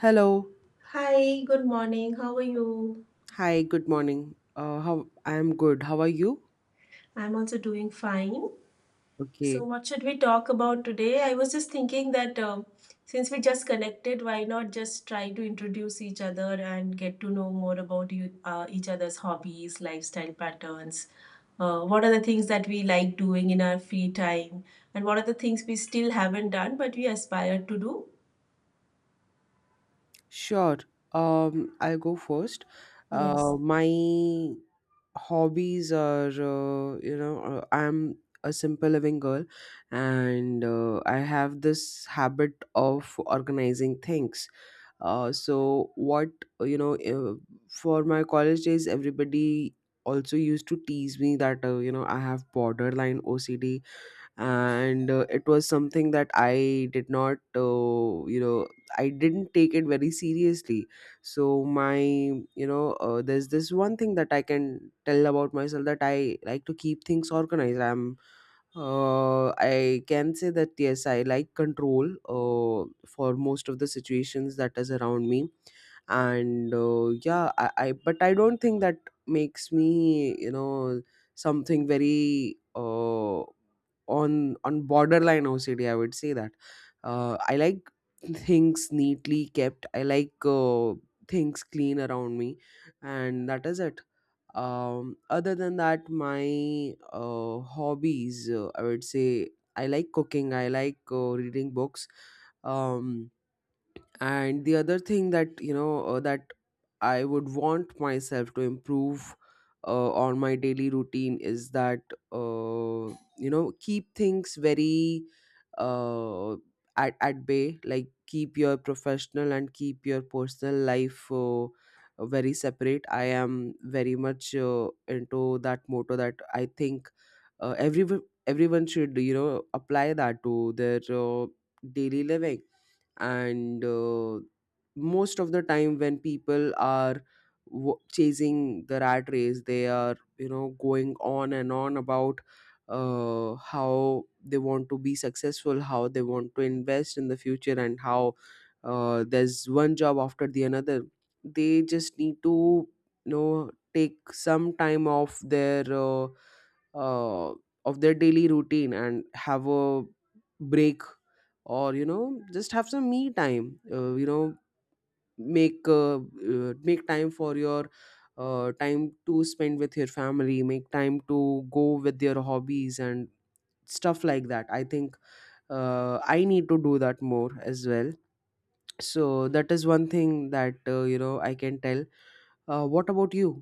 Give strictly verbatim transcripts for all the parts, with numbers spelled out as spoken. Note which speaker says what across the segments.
Speaker 1: Hello.
Speaker 2: Hi, good morning. How are you?
Speaker 1: Hi, good morning. Uh, how I am good. How are you?
Speaker 2: I'm also doing fine. So,
Speaker 1: Okay.
Speaker 2: what should we talk about today? I was just thinking that um since we just connected, why not just try to introduce each other and get to know more about you, uh, each other's hobbies, lifestyle patterns? Uh, what are the things that we like doing in our free time? And what are the things we still haven't done but we aspire to do?
Speaker 1: Sure. Um, I'll go first.
Speaker 2: Yes.
Speaker 1: Uh, my hobbies are, uh, you know, uh, I'm a simple living girl, and uh, I have this habit of organizing things. Uh, so what, uh, you know, uh, for my college days, everybody also used to tease me that, uh, you know, I have borderline O C D, and uh, it was something that I did not uh, you know I didn't take it very seriously. So my, you know uh, there's this one thing that I can tell about myself, that I like to keep things organized. i'm uh, I can say that yes, I like control uh, for most of the situations that is around me. And uh, yeah, I, I but I don't think that makes me, you know, something very, uh, on on borderline OCD. I would say that uh, I like things neatly kept. I like, uh, things clean around me, and that is it. Um other than that, my uh, hobbies, uh, I would say I like cooking, I like, uh, reading books. um and the other thing that, you know uh, that I would want myself to improve uh, on my daily routine is that, uh, you know keep things very, uh, at, at bay. Like, keep your professional and keep your personal life uh, very separate. I am very much uh, into that motto that I think uh, everyone everyone should, you know, apply that to their uh, daily living. And uh, most of the time when people are w- chasing the rat race, they are, you know, going on and on about uh, how they want to be successful, how they want to invest in the future, and how uh, there's one job after the another. They just need to, you know, take some time off their uh, uh, of their daily routine and have a break. Or, you know, just have some me time. Uh, you know make uh, uh, make time for your uh, time to spend with your family, make time to go with your hobbies and stuff like that. I think uh, I need to do that more as well. So that is one thing that, uh, you know, I can tell. Uh, what about you?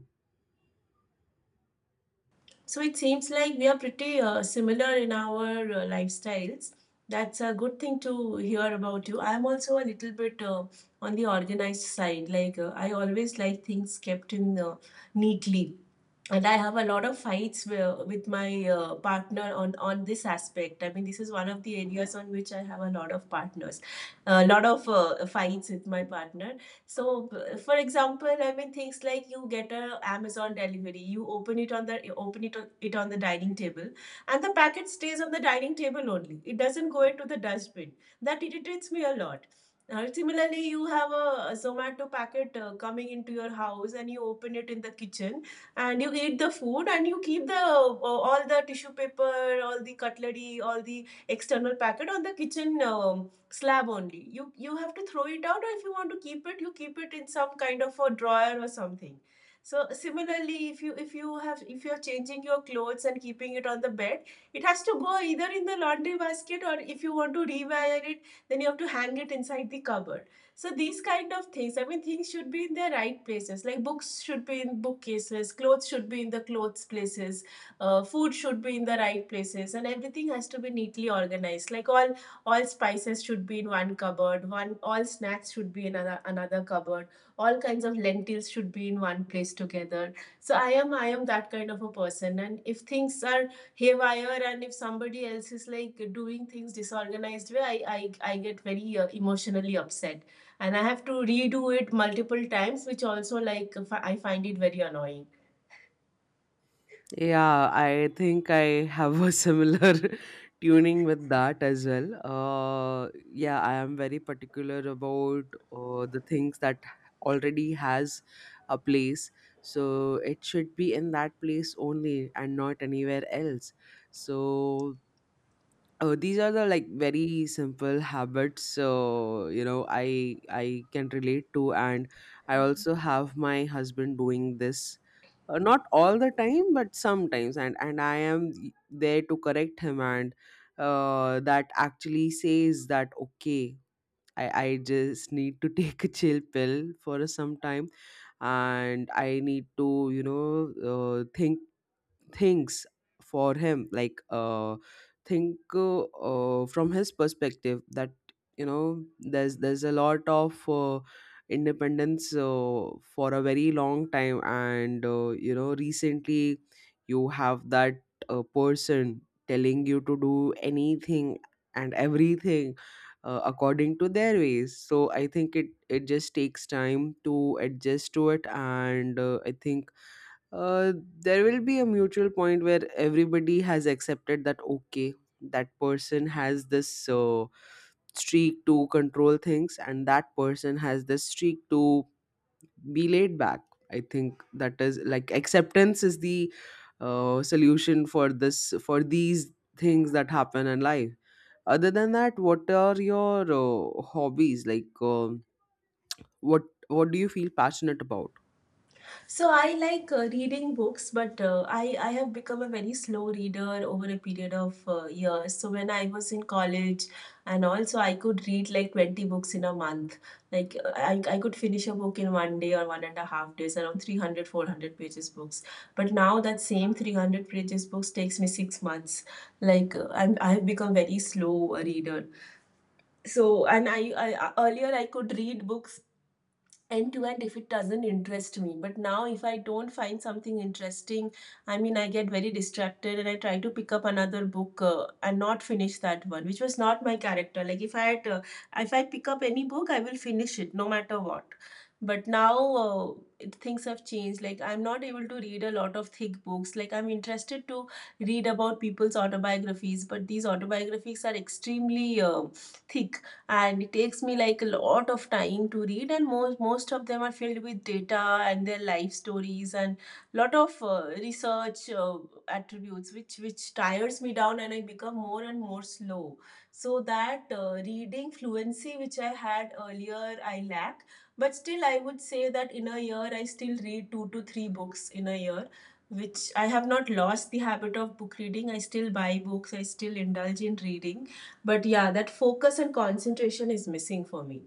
Speaker 2: So it seems like we are pretty uh, similar in our uh, lifestyles. That's a good thing to hear about you. I'm also a little bit uh, on the organized side. Like uh, I always like things kept in uh, neatly, and I have a lot of fights wi- with my uh, partner on on this aspect. I mean, this is one of the areas on which I have a lot of partners, a lot of uh, fights with my partner. So, b- for example, I mean things like you get a Amazon delivery, you open it on the you open it on, it on the dining table, and the packet stays on the dining table only. It doesn't go into the dustbin. That irritates me a lot. Uh, similarly, you have a, a Zomato packet uh, coming into your house, and you open it in the kitchen and you eat the food and you keep the uh, all the tissue paper, all the cutlery, all the external packet on the kitchen um, slab only. You you have to throw it out, or if you want to keep it, you keep it in some kind of a drawer or something. So similarly, if you if you have if you're changing your clothes and keeping it on the bed, it has to go either in the laundry basket, or if you want to rewire it, then you have to hang it inside the cupboard. So these kind of things, I mean, things should be in their right places. Like books should be in bookcases, clothes should be in the clothes places, uh, food should be in the right places, and everything has to be neatly organized. Like all all spices should be in one cupboard, one all snacks should be in another another cupboard, all kinds of lentils should be in one place together. So i am i am that kind of a person, and if things are haywire, and if somebody else is like doing things disorganized way, i i, I get very uh, emotionally upset, and I have to redo it multiple times, which also, like, I find it very annoying.
Speaker 1: Yeah, I think I have a similar tuning with that as well. Uh, yeah, I am very particular about uh, the things that already has a place. So it should be in that place only and not anywhere else. So, oh, these are the like very simple habits. So, you know, I I can relate to, and I also have my husband doing this, uh, not all the time, but sometimes, and and I am there to correct him, and uh, that actually says that, okay, I I just need to take a chill pill for some time, and I need to, you know uh, think things for him. Like uh think uh, uh, From his perspective, that, you know, there's there's a lot of uh, independence uh, for a very long time, and, uh, you know, recently you have that uh, person telling you to do anything and everything uh, according to their ways. So I think it it just takes time to adjust to it. And uh, I think uh, there will be a mutual point where everybody has accepted that, okay, that person has this uh, streak to control things, and that person has this streak to be laid back. I think that is like acceptance is the uh, solution for this, for these things that happen in life. Other than that, what are your uh, hobbies? like um what what do you feel passionate about?
Speaker 2: So I like uh, reading books, but uh, I I have become a very slow reader over a period of uh, years. So when I was in college, and also I could read like twenty books in a month. Like uh, I I could finish a book in one day or one and a half days, around three hundred four hundred pages books. But now that same three hundred pages books takes me six months. Like uh, I'm I have become very slow a reader. So and I, I earlier I could read books end to end if it doesn't interest me, but now if I don't find something interesting, I mean, I get very distracted and I try to pick up another book uh, and not finish that one, which was not my character. Like if i had uh, if I pick up any book, I will finish it, no matter what. But now uh, it, things have changed. Like, I'm not able to read a lot of thick books. Like, I'm interested to read about people's autobiographies, but these autobiographies are extremely uh, thick, and it takes me like a lot of time to read, and most most of them are filled with data and their life stories, and lot of uh, research uh, attributes, which which tires me down, and I become more and more slow. So that uh, reading fluency which I had earlier, I lack. But still, I would say that in a year, I still read two to three books in a year, which I have not lost the habit of book reading. I still buy books, I still indulge in reading. But yeah, that focus and concentration is missing for me.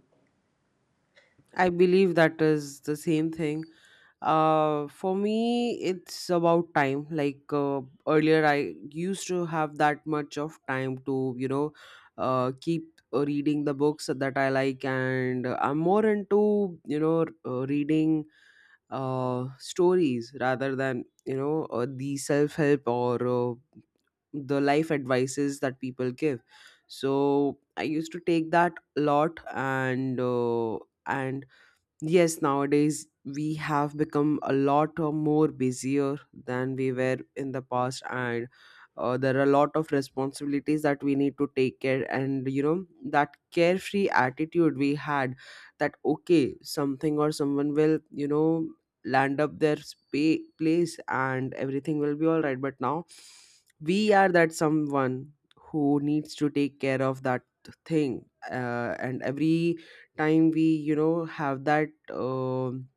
Speaker 1: I believe that is the same thing. Uh, for me, it's about time. Like, uh, earlier I used to have that much of time to, you know, uh, keep uh, reading the books that I like, and uh, I'm more into, you know, uh, reading uh, stories rather than, you know, uh, the self help or uh, the life advices that people give. So I used to take that a lot, and uh, and yes, nowadays we have become a lot of more busier than we were in the past, and uh, there are a lot of responsibilities that we need to take care. And you know that carefree attitude we had, that okay, something or someone will, you know, land up their spa- place, and everything will be all right. But now we are that someone who needs to take care of that thing, uh, and every time we, you know, have that um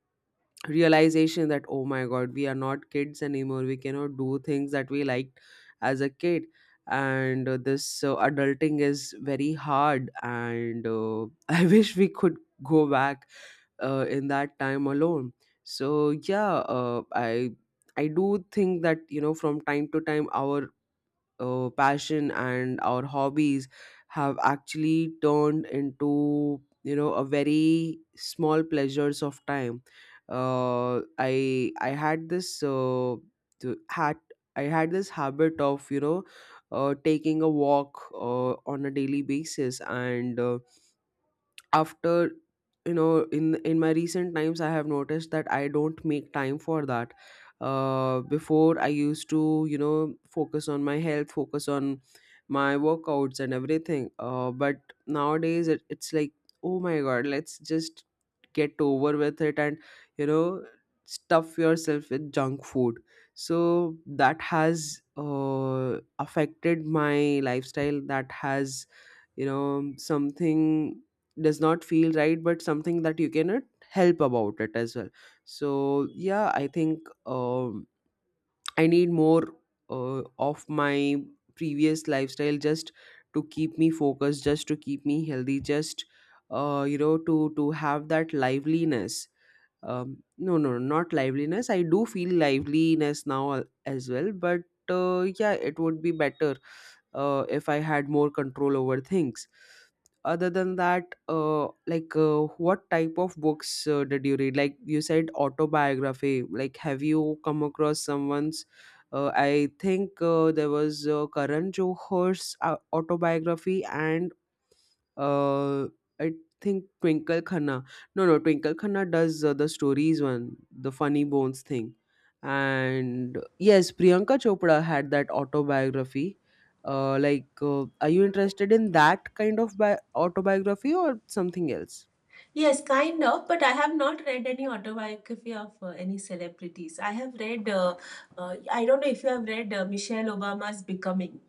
Speaker 1: realization that, oh my god, we are not kids anymore, we cannot do things that we liked as a kid. And uh, this uh, adulting is very hard, and uh, I wish we could go back uh, in that time alone. So yeah, uh, i i do think that, you know, from time to time our uh, passion and our hobbies have actually turned into, you know, a very small pleasures of time. uh, i i had this uh, th- had I had this habit of, you know, uh, taking a walk uh, on a daily basis, and uh, after you know, in in my recent times I have noticed that I don't make time for that. Uh before, I used to, you know, focus on my health, focus on my workouts and everything. Uh but nowadays it, it's like, oh my god, let's just get over with it and, you know, stuff yourself with junk food. So that has uh affected my lifestyle. That has, you know, something does not feel right, but something that you cannot help about it as well. So yeah, I think um, I need more uh, of my previous lifestyle just to keep me focused, just to keep me healthy, just uh, you know, to to have that liveliness. Um, no no not liveliness, I do feel liveliness now, al- as well, but uh, yeah, it would be better uh, if I had more control over things. Other than that, uh, like uh, what type of books uh, did you read? Like, you said autobiography. Like, have you come across someone's? Uh, I think uh, there was uh, Karan Johar's uh, autobiography, and uh, I think Twinkle Khanna. No, no, Twinkle Khanna does uh, the stories one, the funny bones thing. And yes, Priyanka Chopra had that autobiography. Uh, like, uh, are you interested in that kind of bi- autobiography or something else?
Speaker 2: Yes, kind of, but I have not read any autobiography of uh, any celebrities. I have read, uh, uh, I don't know if you have read uh, Michelle Obama's Becoming.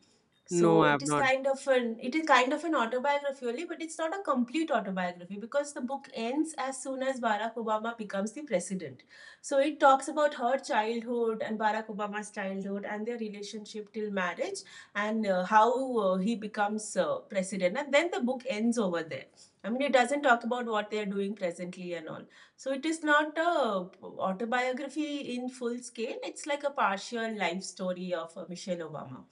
Speaker 1: No,
Speaker 2: So
Speaker 1: I
Speaker 2: it
Speaker 1: have
Speaker 2: is
Speaker 1: not.
Speaker 2: kind of an it is kind of an autobiography only, but it's not a complete autobiography because the book ends as soon as Barack Obama becomes the president. So it talks about her childhood and Barack Obama's childhood and their relationship till marriage, and uh, how uh, he becomes uh, president. And then the book ends over there. I mean, it doesn't talk about what they are doing presently and all. So it is not a autobiography in full scale. It's like a partial life story of uh, Michelle Obama.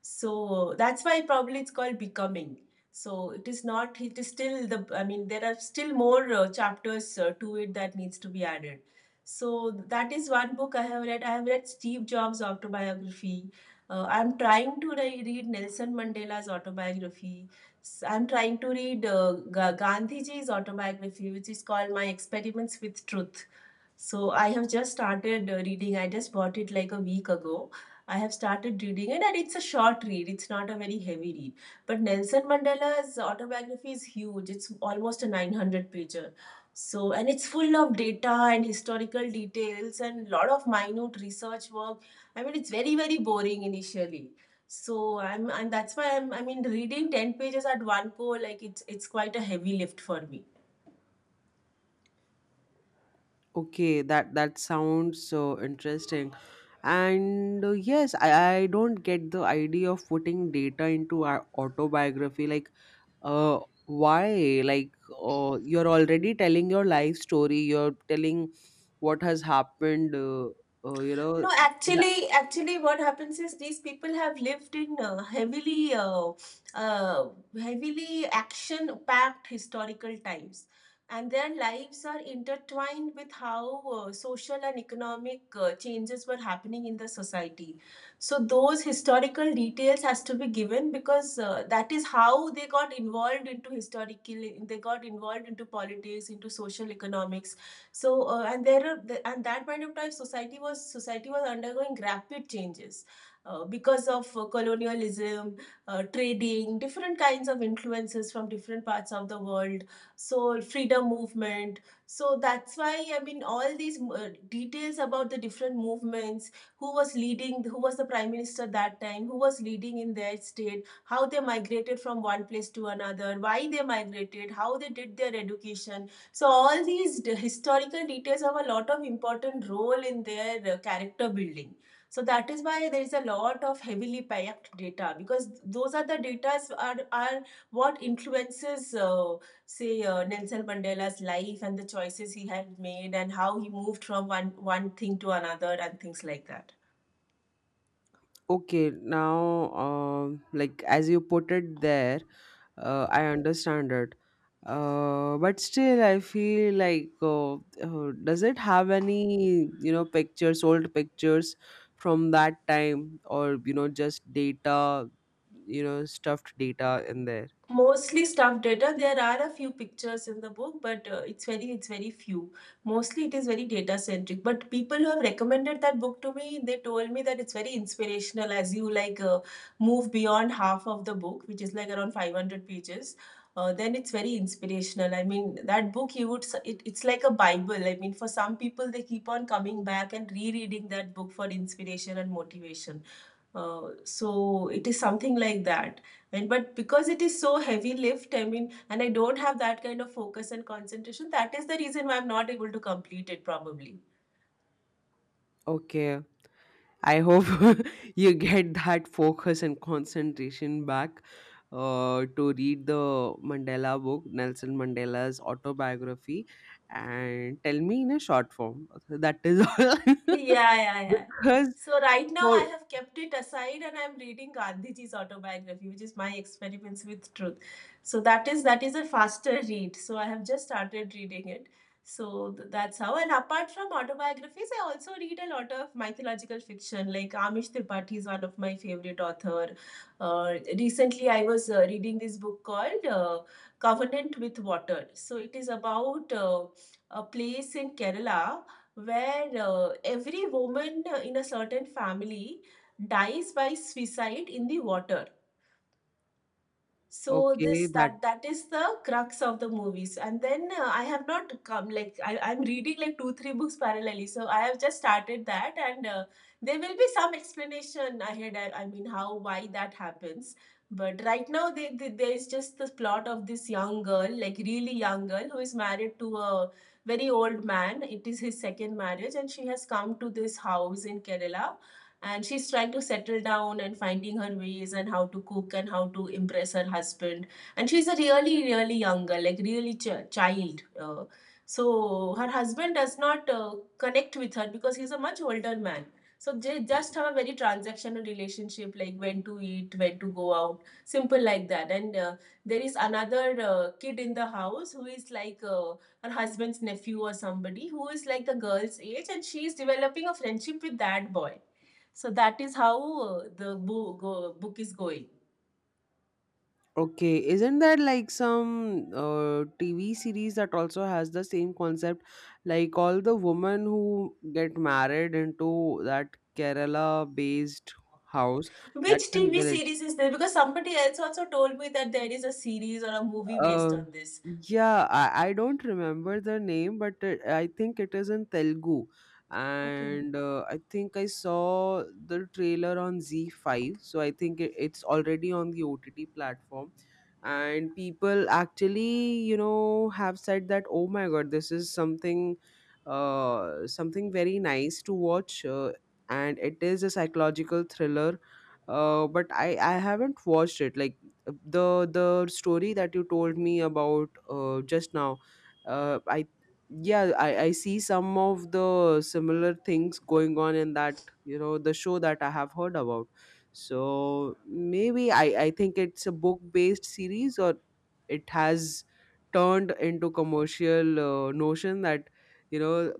Speaker 2: So that's why probably it's called Becoming. So it is not, it is still the, I mean, there are still more uh, chapters uh, to it that needs to be added. So that is one book I have read. I have read Steve Jobs' autobiography. Uh, I'm trying to re- read Nelson Mandela's autobiography. I I'm trying to read uh, Ga- Gandhiji's autobiography, which is called My Experiments with Truth. So I have just started uh, reading. I just bought it like a week ago. I have started reading it, and it's a short read. It's not a very heavy read. But Nelson Mandela's autobiography is huge. It's almost a nine hundred pager. So, and it's full of data and historical details and lot of minute research work. I mean, it's very, very boring initially. So I'm, and that's why I'm, I mean, reading ten pages at one go, like it's, it's quite a heavy lift for me.
Speaker 1: Okay, that that sounds so interesting. And uh, yes, I, I don't get the idea of putting data into our autobiography. Like, uh why like uh, you're already telling your life story, you're telling what has happened. uh, uh, you know
Speaker 2: No,
Speaker 1: that,
Speaker 2: actually, actually, what happens is these people have lived in uh, heavily, uh, uh, heavily action-packed historical times, and their lives are intertwined with how uh, social and economic uh, changes were happening in the society. So those historical details has to be given because uh, that is how they got involved into historical. They got involved into politics, into social economics, so uh, and there are the, and that point of time society was society was undergoing rapid changes uh, because of uh, colonialism, uh, trading, different kinds of influences from different parts of the world. So freedom movement. So that's why, I mean, all these uh, details about the different movements, who was leading, who was the prime minister that time, who was leading in their state, how they migrated from one place to another, why they migrated, how they did their education, so all these historical details have a lot of important role in their uh, character building. So that is why there is a lot of heavily packed data, because those are the data are, are what influences uh, say, uh, Nelson Mandela's life and the choices he had made and how he moved from one, one thing to another and things like that.
Speaker 1: okay, now, um like as you put it there, uh, I understand it, uh, but still I feel like, uh, uh, does it have any, you know, pictures, old pictures from that time, or, you know, just data, you know, stuffed data in there?
Speaker 2: Mostly stuffed data. There are a few pictures in the book, but uh, it's very it's very few. Mostly it is very data centric, but people who have recommended that book to me, they told me that it's very inspirational as you, like, uh, move beyond half of the book, which is like around five hundred pages, uh, then it's very inspirational. I mean, that book you would s- it, it's like a bible. I mean, for some people, they keep on coming back and rereading that book for inspiration and motivation. Uh, so it is something like that. And but because it is so heavy lift, I mean, and I don't have that kind of focus and concentration, that is the reason why I'm not able to complete it probably.
Speaker 1: Okay, I hope you get that focus and concentration back uh, to read the Mandela book, Nelson Mandela's autobiography, and tell me in a short form. That is all.
Speaker 2: Yeah, yeah, yeah.
Speaker 1: Because
Speaker 2: So right now I
Speaker 1: for,
Speaker 2: have kept it aside, and I'm reading Gandhiji's autobiography, which is my experiments with truth. So that is that is a faster read. So I have just started reading it. So th- that's how. And apart from autobiographies, I also read a lot of mythological fiction. Like Amish Tripathi is one of my favorite author. Uh, Recently, I was uh, reading this book called uh, Covenant with Water. So it is about uh, a place in Kerala where uh, every woman uh, in a certain family dies by suicide in the water. So
Speaker 1: okay,
Speaker 2: this
Speaker 1: that,
Speaker 2: that that is the crux of the movies. And then uh, I have not come, like I, I'm reading like two three books parallelly, so I have just started that. And uh, there will be some explanation ahead. I, I mean how, why that happens. But right now they, they, there is just the plot of this young girl, like really young girl, who is married to a very old man. It is his second marriage and she has come to this house in Kerala, and she's trying to settle down and finding her ways and how to cook and how to impress her husband. And she's a really really young girl, like really ch- child. Uh, so her husband does not uh, connect with her because he's a much older man. So they just have a very transactional relationship, like when to eat, when to go out, simple like that. And uh, there is another uh, kid in the house who is like uh, her husband's nephew or somebody, who is like the girl's age, and she is developing a friendship with that boy. So that is how uh, the bo- go- book is going.
Speaker 1: okay, isn't there like some uh, T V series that also has the same concept? Like, all the women who get married into that Kerala based house, that
Speaker 2: Which
Speaker 1: can
Speaker 2: T V
Speaker 1: village.
Speaker 2: series is there? Because somebody else also told me that there is a series or a movie based
Speaker 1: Uh,
Speaker 2: on this.
Speaker 1: yeah, I, I don't remember the name, but it, I think it is in Telugu.
Speaker 2: Okay.
Speaker 1: And uh, I think I saw the trailer on Z five, so I think it, it's already on the O T T platform. And people actually, you know, have said that, oh my god, this is something, uh, something very nice to watch. Uh, and it is a psychological thriller. Uh, but I, I haven't watched it. Like, the the story that you told me about uh, just now, uh, I yeah, I, I see some of the similar things going on in that, you know, the show that I have heard about. So maybe, i i think it's a book based series, or it has turned into commercial uh, notion that, you know,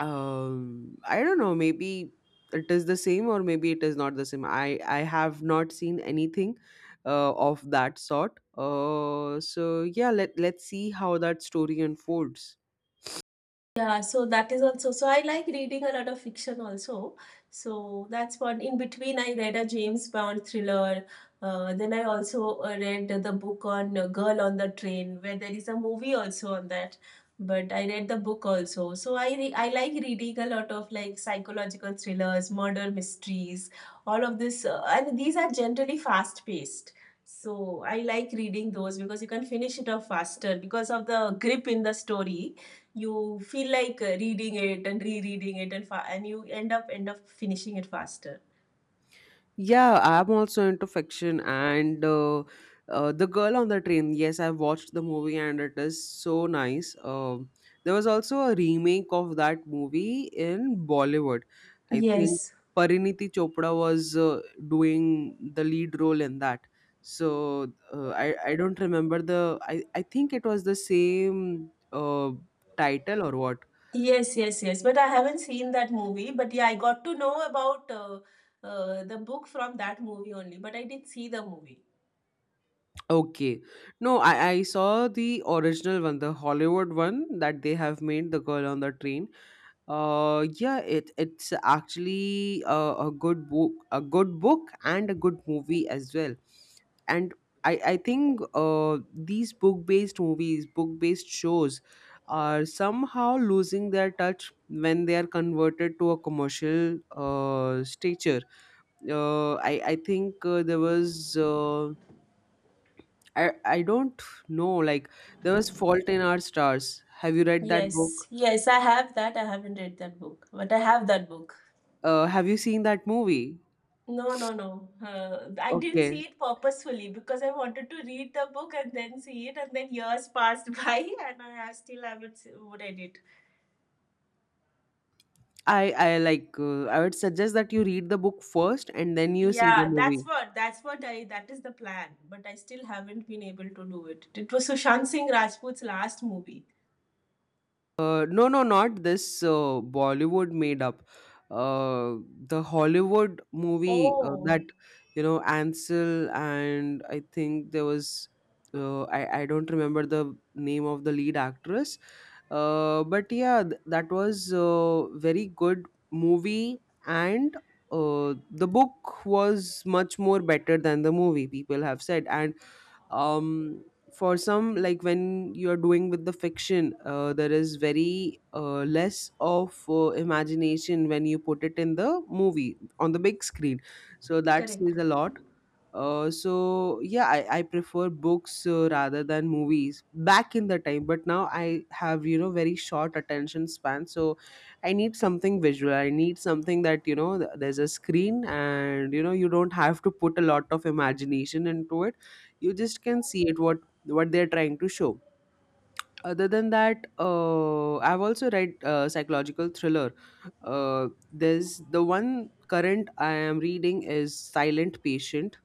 Speaker 1: um, I don't know. Maybe it is the same, or maybe it is not the same. I I have not seen anything uh, of that sort. Uh, so yeah, let let's see how that story unfolds.
Speaker 2: Yeah, so that is also, so I like reading a lot of fiction also. So that's what, in between I read a James Bond thriller. Uh, then I also uh, read the book on uh, Girl on the Train, where there is a movie also on that. But I read the book also. So I re I like reading a lot of like psychological thrillers, murder mysteries, all of this. Uh, and these are generally fast paced. So I like reading those because you can finish it off faster. Because of the grip in the story you feel like uh, reading it and rereading it and fa- and you end up end up finishing it faster.
Speaker 1: Yeah, I'm also into fiction, and uh, uh, The Girl on the Train. Yes, I've watched the movie, and it is so nice. Um, there was also a remake of that movie in Bollywood. I think
Speaker 2: Yes.
Speaker 1: Pariniti Chopra was uh, doing the lead role in that. So uh, I, I don't remember the, I, I think it was the same uh, title or what.
Speaker 2: Yes, yes, yes. But I haven't seen that movie. But yeah, I got to know about uh, uh, the book from that movie only. But I did see the movie.
Speaker 1: Okay. No, I, I saw the original one, the Hollywood one that they have made, The Girl on the Train. Uh yeah, it it's actually a, a good book, a good book and a good movie as well. And I I think uh these book-based movies, book-based shows are somehow losing their touch when they are converted to a commercial uh stature. Uh I I think uh, there was uh, I I don't know. Like there was Fault in Our Stars. Have you read that
Speaker 2: Yes,
Speaker 1: book?
Speaker 2: yes, I have that. I haven't read that book, but I have that book.
Speaker 1: Uh, have you seen that movie?
Speaker 2: No, no, no. Uh, I didn't see
Speaker 1: Okay,
Speaker 2: it purposefully because I wanted to read the book and then see it, and then years passed by, and I still haven't s- read it.
Speaker 1: I I like. Uh, I would suggest that you read the book first and then you see the
Speaker 2: Yeah, that's
Speaker 1: movie.
Speaker 2: what that's what I that is the plan, but I still haven't been able to do it. It was Sushant Singh Rajput's last movie.
Speaker 1: Uh, no, no, not this uh, Bollywood made up. Uh, the Hollywood movie uh, that
Speaker 2: Oh,
Speaker 1: you know Ansel and I think there was uh, I I don't remember the name of the lead actress. Uh, but yeah, th- that was a very good movie, and uh, the book was much more better than the movie. People have said, and um for some, like, when you're doing with the fiction uh, there is very uh, less of uh, imagination when you put it in the movie on the big screen, so that
Speaker 2: correct.
Speaker 1: says a lot. Uh, so yeah, I, I prefer books uh, rather than movies back in the time, but now I have, you know, very short attention span, so I need something visual. I need something that, you know, th- there's a screen and, you know, you don't have to put a lot of imagination into it. You just can see it what what they're trying to show. Other than that, uh, I've also read uh, psychological thriller. Uh, there's the one current I am reading is Silent Patient.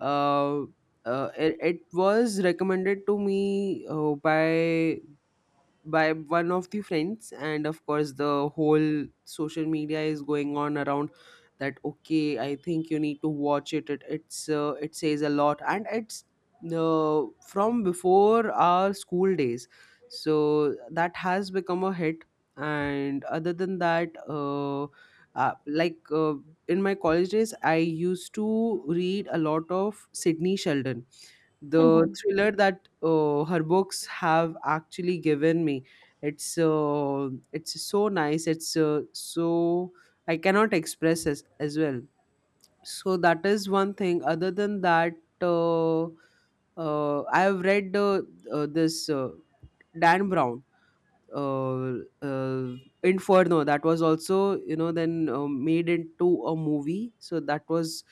Speaker 1: uh, uh, it, it was recommended to me uh, by by one of the friends, and of course the whole social media is going on around that. Okay, I think you need to watch it. It it's uh, it says a lot and it's uh, from before our school days, so that has become a hit. And other than that, uh, uh, like uh, in my college days I used to read a lot of Sydney Sheldon. The thriller that uh, her books have actually given me, it's uh, it's so nice, it's uh, so I cannot express as, as well. So that is one thing. Other than that, uh, uh, I have read uh, uh, this uh, Dan Brown, uh, uh, Inferno, that was also, you know, then uh, made into a movie, so that was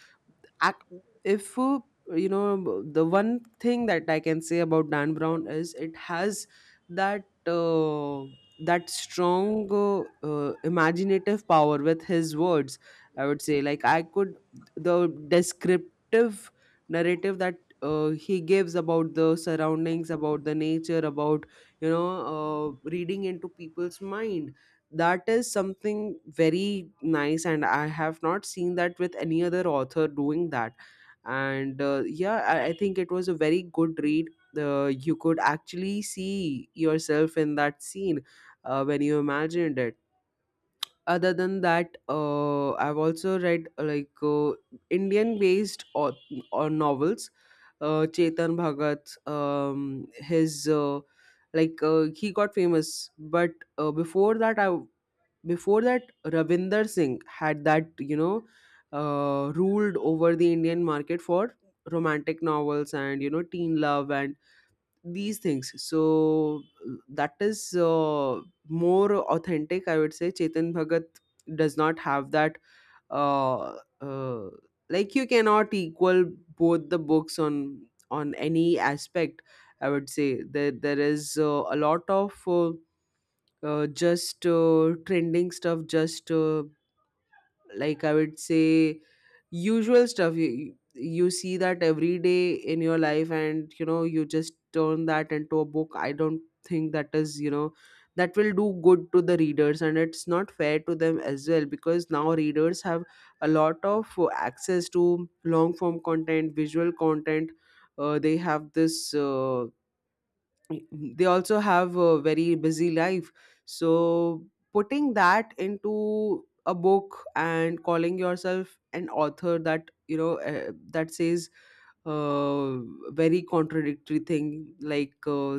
Speaker 1: act, if uh, you know, the one thing that I can say about Dan Brown is it has that uh, that strong uh, uh, imaginative power with his words. I would say, like, I could, the descriptive narrative that uh, he gives about the surroundings, about the nature, about, you know, uh, reading into people's mind, that is something very nice, and I have not seen that with any other author doing that. And uh, yeah, I, I think it was a very good read. The, you could actually see yourself in that scene uh, when you imagined it. Other than that, uh, I've also read, uh, like uh, Indian based, or, or novels. uh, Chetan Bhagat, um, his uh, like uh, he got famous, but uh, before that i before that, Ravinder Singh had that, you know, uh, ruled over the Indian market for romantic novels and, you know, teen love and these things. So that is uh, more authentic, I would say. Chetan Bhagat does not have that. Uh, uh, like, you cannot equal both the books on on any aspect. I would say that there is uh, a lot of. Uh, uh, just uh, trending stuff just uh, like, I would say usual stuff. You, you you see that every day in your life, and, you know, you just turn that into a book. I don't think that is, you know, that will do good to the readers, and it's not fair to them as well, because now readers have a lot of uh, access to long form content, visual content. Uh, they have this uh, they also have a very busy life. So putting that into a book and calling yourself an author, that, you know, uh, that says uh, very contradictory thing, like, uh,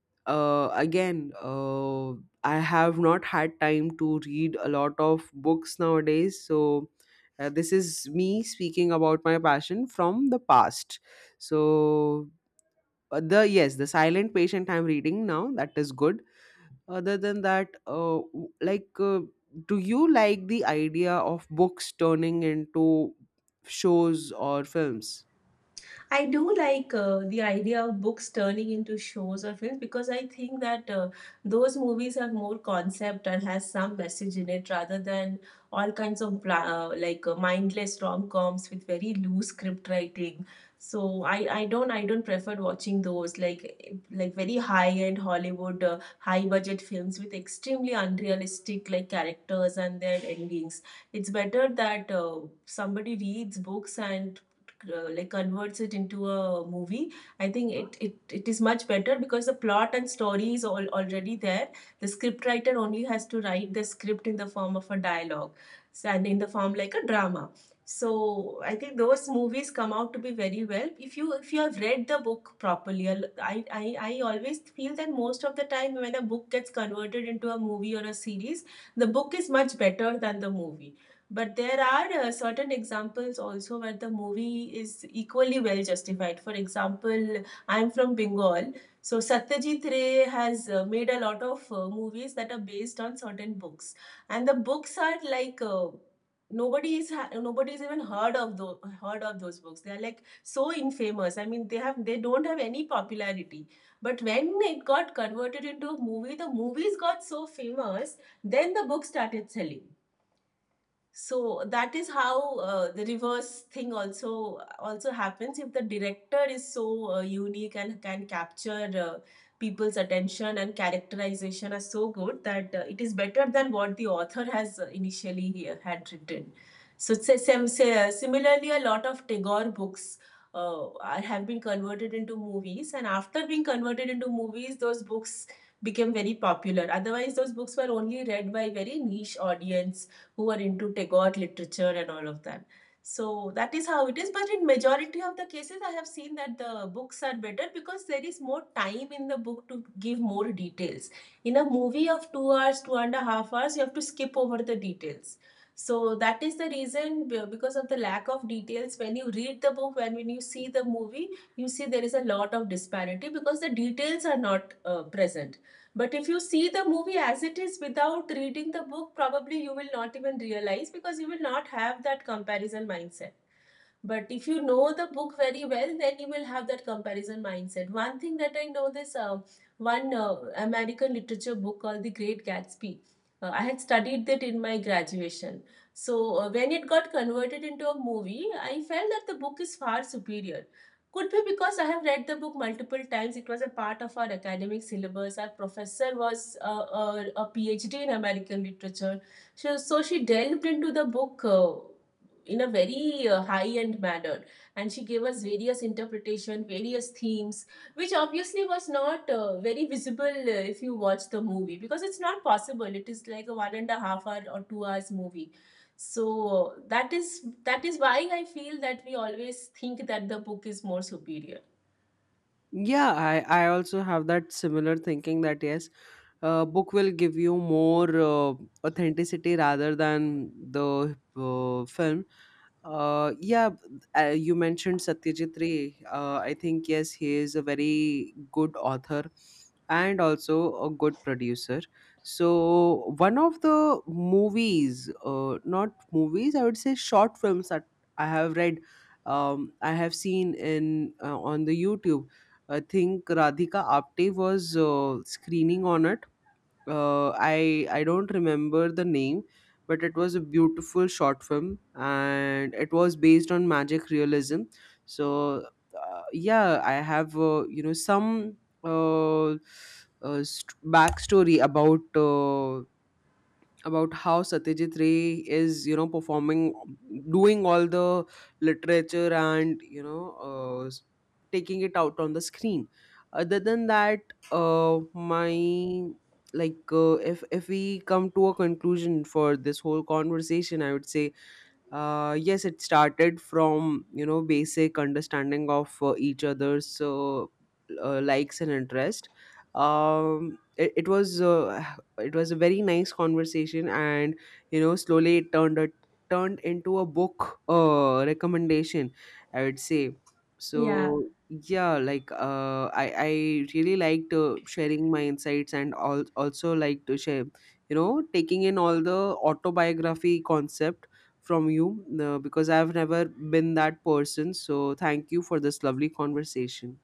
Speaker 1: uh, again uh, I have not had time to read a lot of books nowadays, so uh, this is me speaking about my passion from the past. So uh, the, yes, the Silent Patient I'm reading now, that is good. Other than that, uh, w- like uh, do you like the idea of books turning into shows or films?
Speaker 2: I do like uh, the idea of books turning into shows or films, because I think that uh, those movies have more concept and has some message in it, rather than all kinds of bla- uh, like uh, mindless rom-coms with very loose script writing. So I, I don't I don't prefer watching those, like like very high-end Hollywood uh, high-budget films with extremely unrealistic like characters and their endings. It's better that uh, somebody reads books and uh, like converts it into a movie. I think it, it it is much better because the plot and story is all already there. The script writer only has to write the script in the form of a dialogue. So, and in the form like a drama. So I think those movies come out to be very well, if you if you have read the book properly. I'll- i i, I always feel that most of the time when a book gets converted into a movie or a series, the book is much better than the movie. But there are uh, certain examples also where the movie is equally well justified. For example, I'm from Bengal. So Satyajit Ray has uh, made a lot of uh, movies that are based on certain books. And the books are like uh, nobody's ha- nobody's even heard of those heard of those books. They are like so infamous. I mean, they have they don't have any popularity. But when it got converted into a movie, the movies got so famous, then the book started selling. So that is how uh, the reverse thing also also happens if the director is so uh, unique and can capture uh, people's attention and characterization are so good that uh, it is better than what the author has uh, initially uh, had written. So it's a sim- si- uh, similarly, a lot of Tagore books uh, are- have been converted into movies, and after being converted into movies, those books became very popular. Otherwise, those books were only read by very niche audience who are into Tagore literature and all of that. So that is how it is. But in majority of the cases, I have seen that the books are better, because there is more time in the book to give more details. In a movie of two hours, two and a half hours, you have to skip over the details. So that is the reason, because of the lack of details. When you read the book, when when you see the movie, you see there is a lot of disparity because the details are not uh, present. But if you see the movie as it is without reading the book, probably you will not even realize, because you will not have that comparison mindset. But if you know the book very well, then you will have that comparison mindset. One thing that I know this, uh, one uh, American literature book called The Great Gatsby. Uh, I had studied that in my graduation. So uh, when it got converted into a movie, I felt that the book is far superior. Could be because I have read the book multiple times. It was a part of our academic syllabus. Our professor was uh, a, a PhD in American literature. So, so she delved into the book. Uh, in a very uh, high end manner, and she gave us various interpretation, various themes, which obviously was not uh, very visible uh, if you watch the movie, because it's not possible. It is like a one and a half hour or two hours movie. So that is, that is why I feel that we always think that the book is more superior.
Speaker 1: Yeah, i i also have that similar thinking, that yes, uh, book will give you more uh, authenticity rather than the uh, film. Uh, yeah, uh, you mentioned Satyajit Ray. Uh, I think yes, he is a very good author and also a good producer. So one of the movies, uh, not movies, I would say short films that I have read, um, I have seen in uh, on the YouTube. I think Radhika Apte was uh, screening on it. uh, I I don't remember the name, but it was a beautiful short film, and it was based on magic realism. So uh, yeah, I have, uh, you know, some uh, uh, st- backstory about uh, about how Satyajit Ray is, you know, performing, doing all the literature and, you know, uh, s- taking it out on the screen. Other than that, uh, my like uh, if if we come to a conclusion for this whole conversation, I would say uh, yes, it started from, you know, basic understanding of uh, each other's uh, uh, likes and interest. um it, it was uh, it was a very nice conversation, and, you know, slowly it turned a, turned into a book uh, recommendation, I would say.
Speaker 2: Yeah,
Speaker 1: So yeah, like uh, i i really liked uh, sharing my insights, and al- also like to share, you know, taking in all the autobiography concept from you, uh, because I've never been that person. So thank you for this lovely conversation.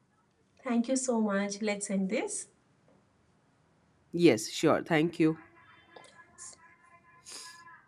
Speaker 2: thank you so much, let's end this.
Speaker 1: Yes, sure. Thank you.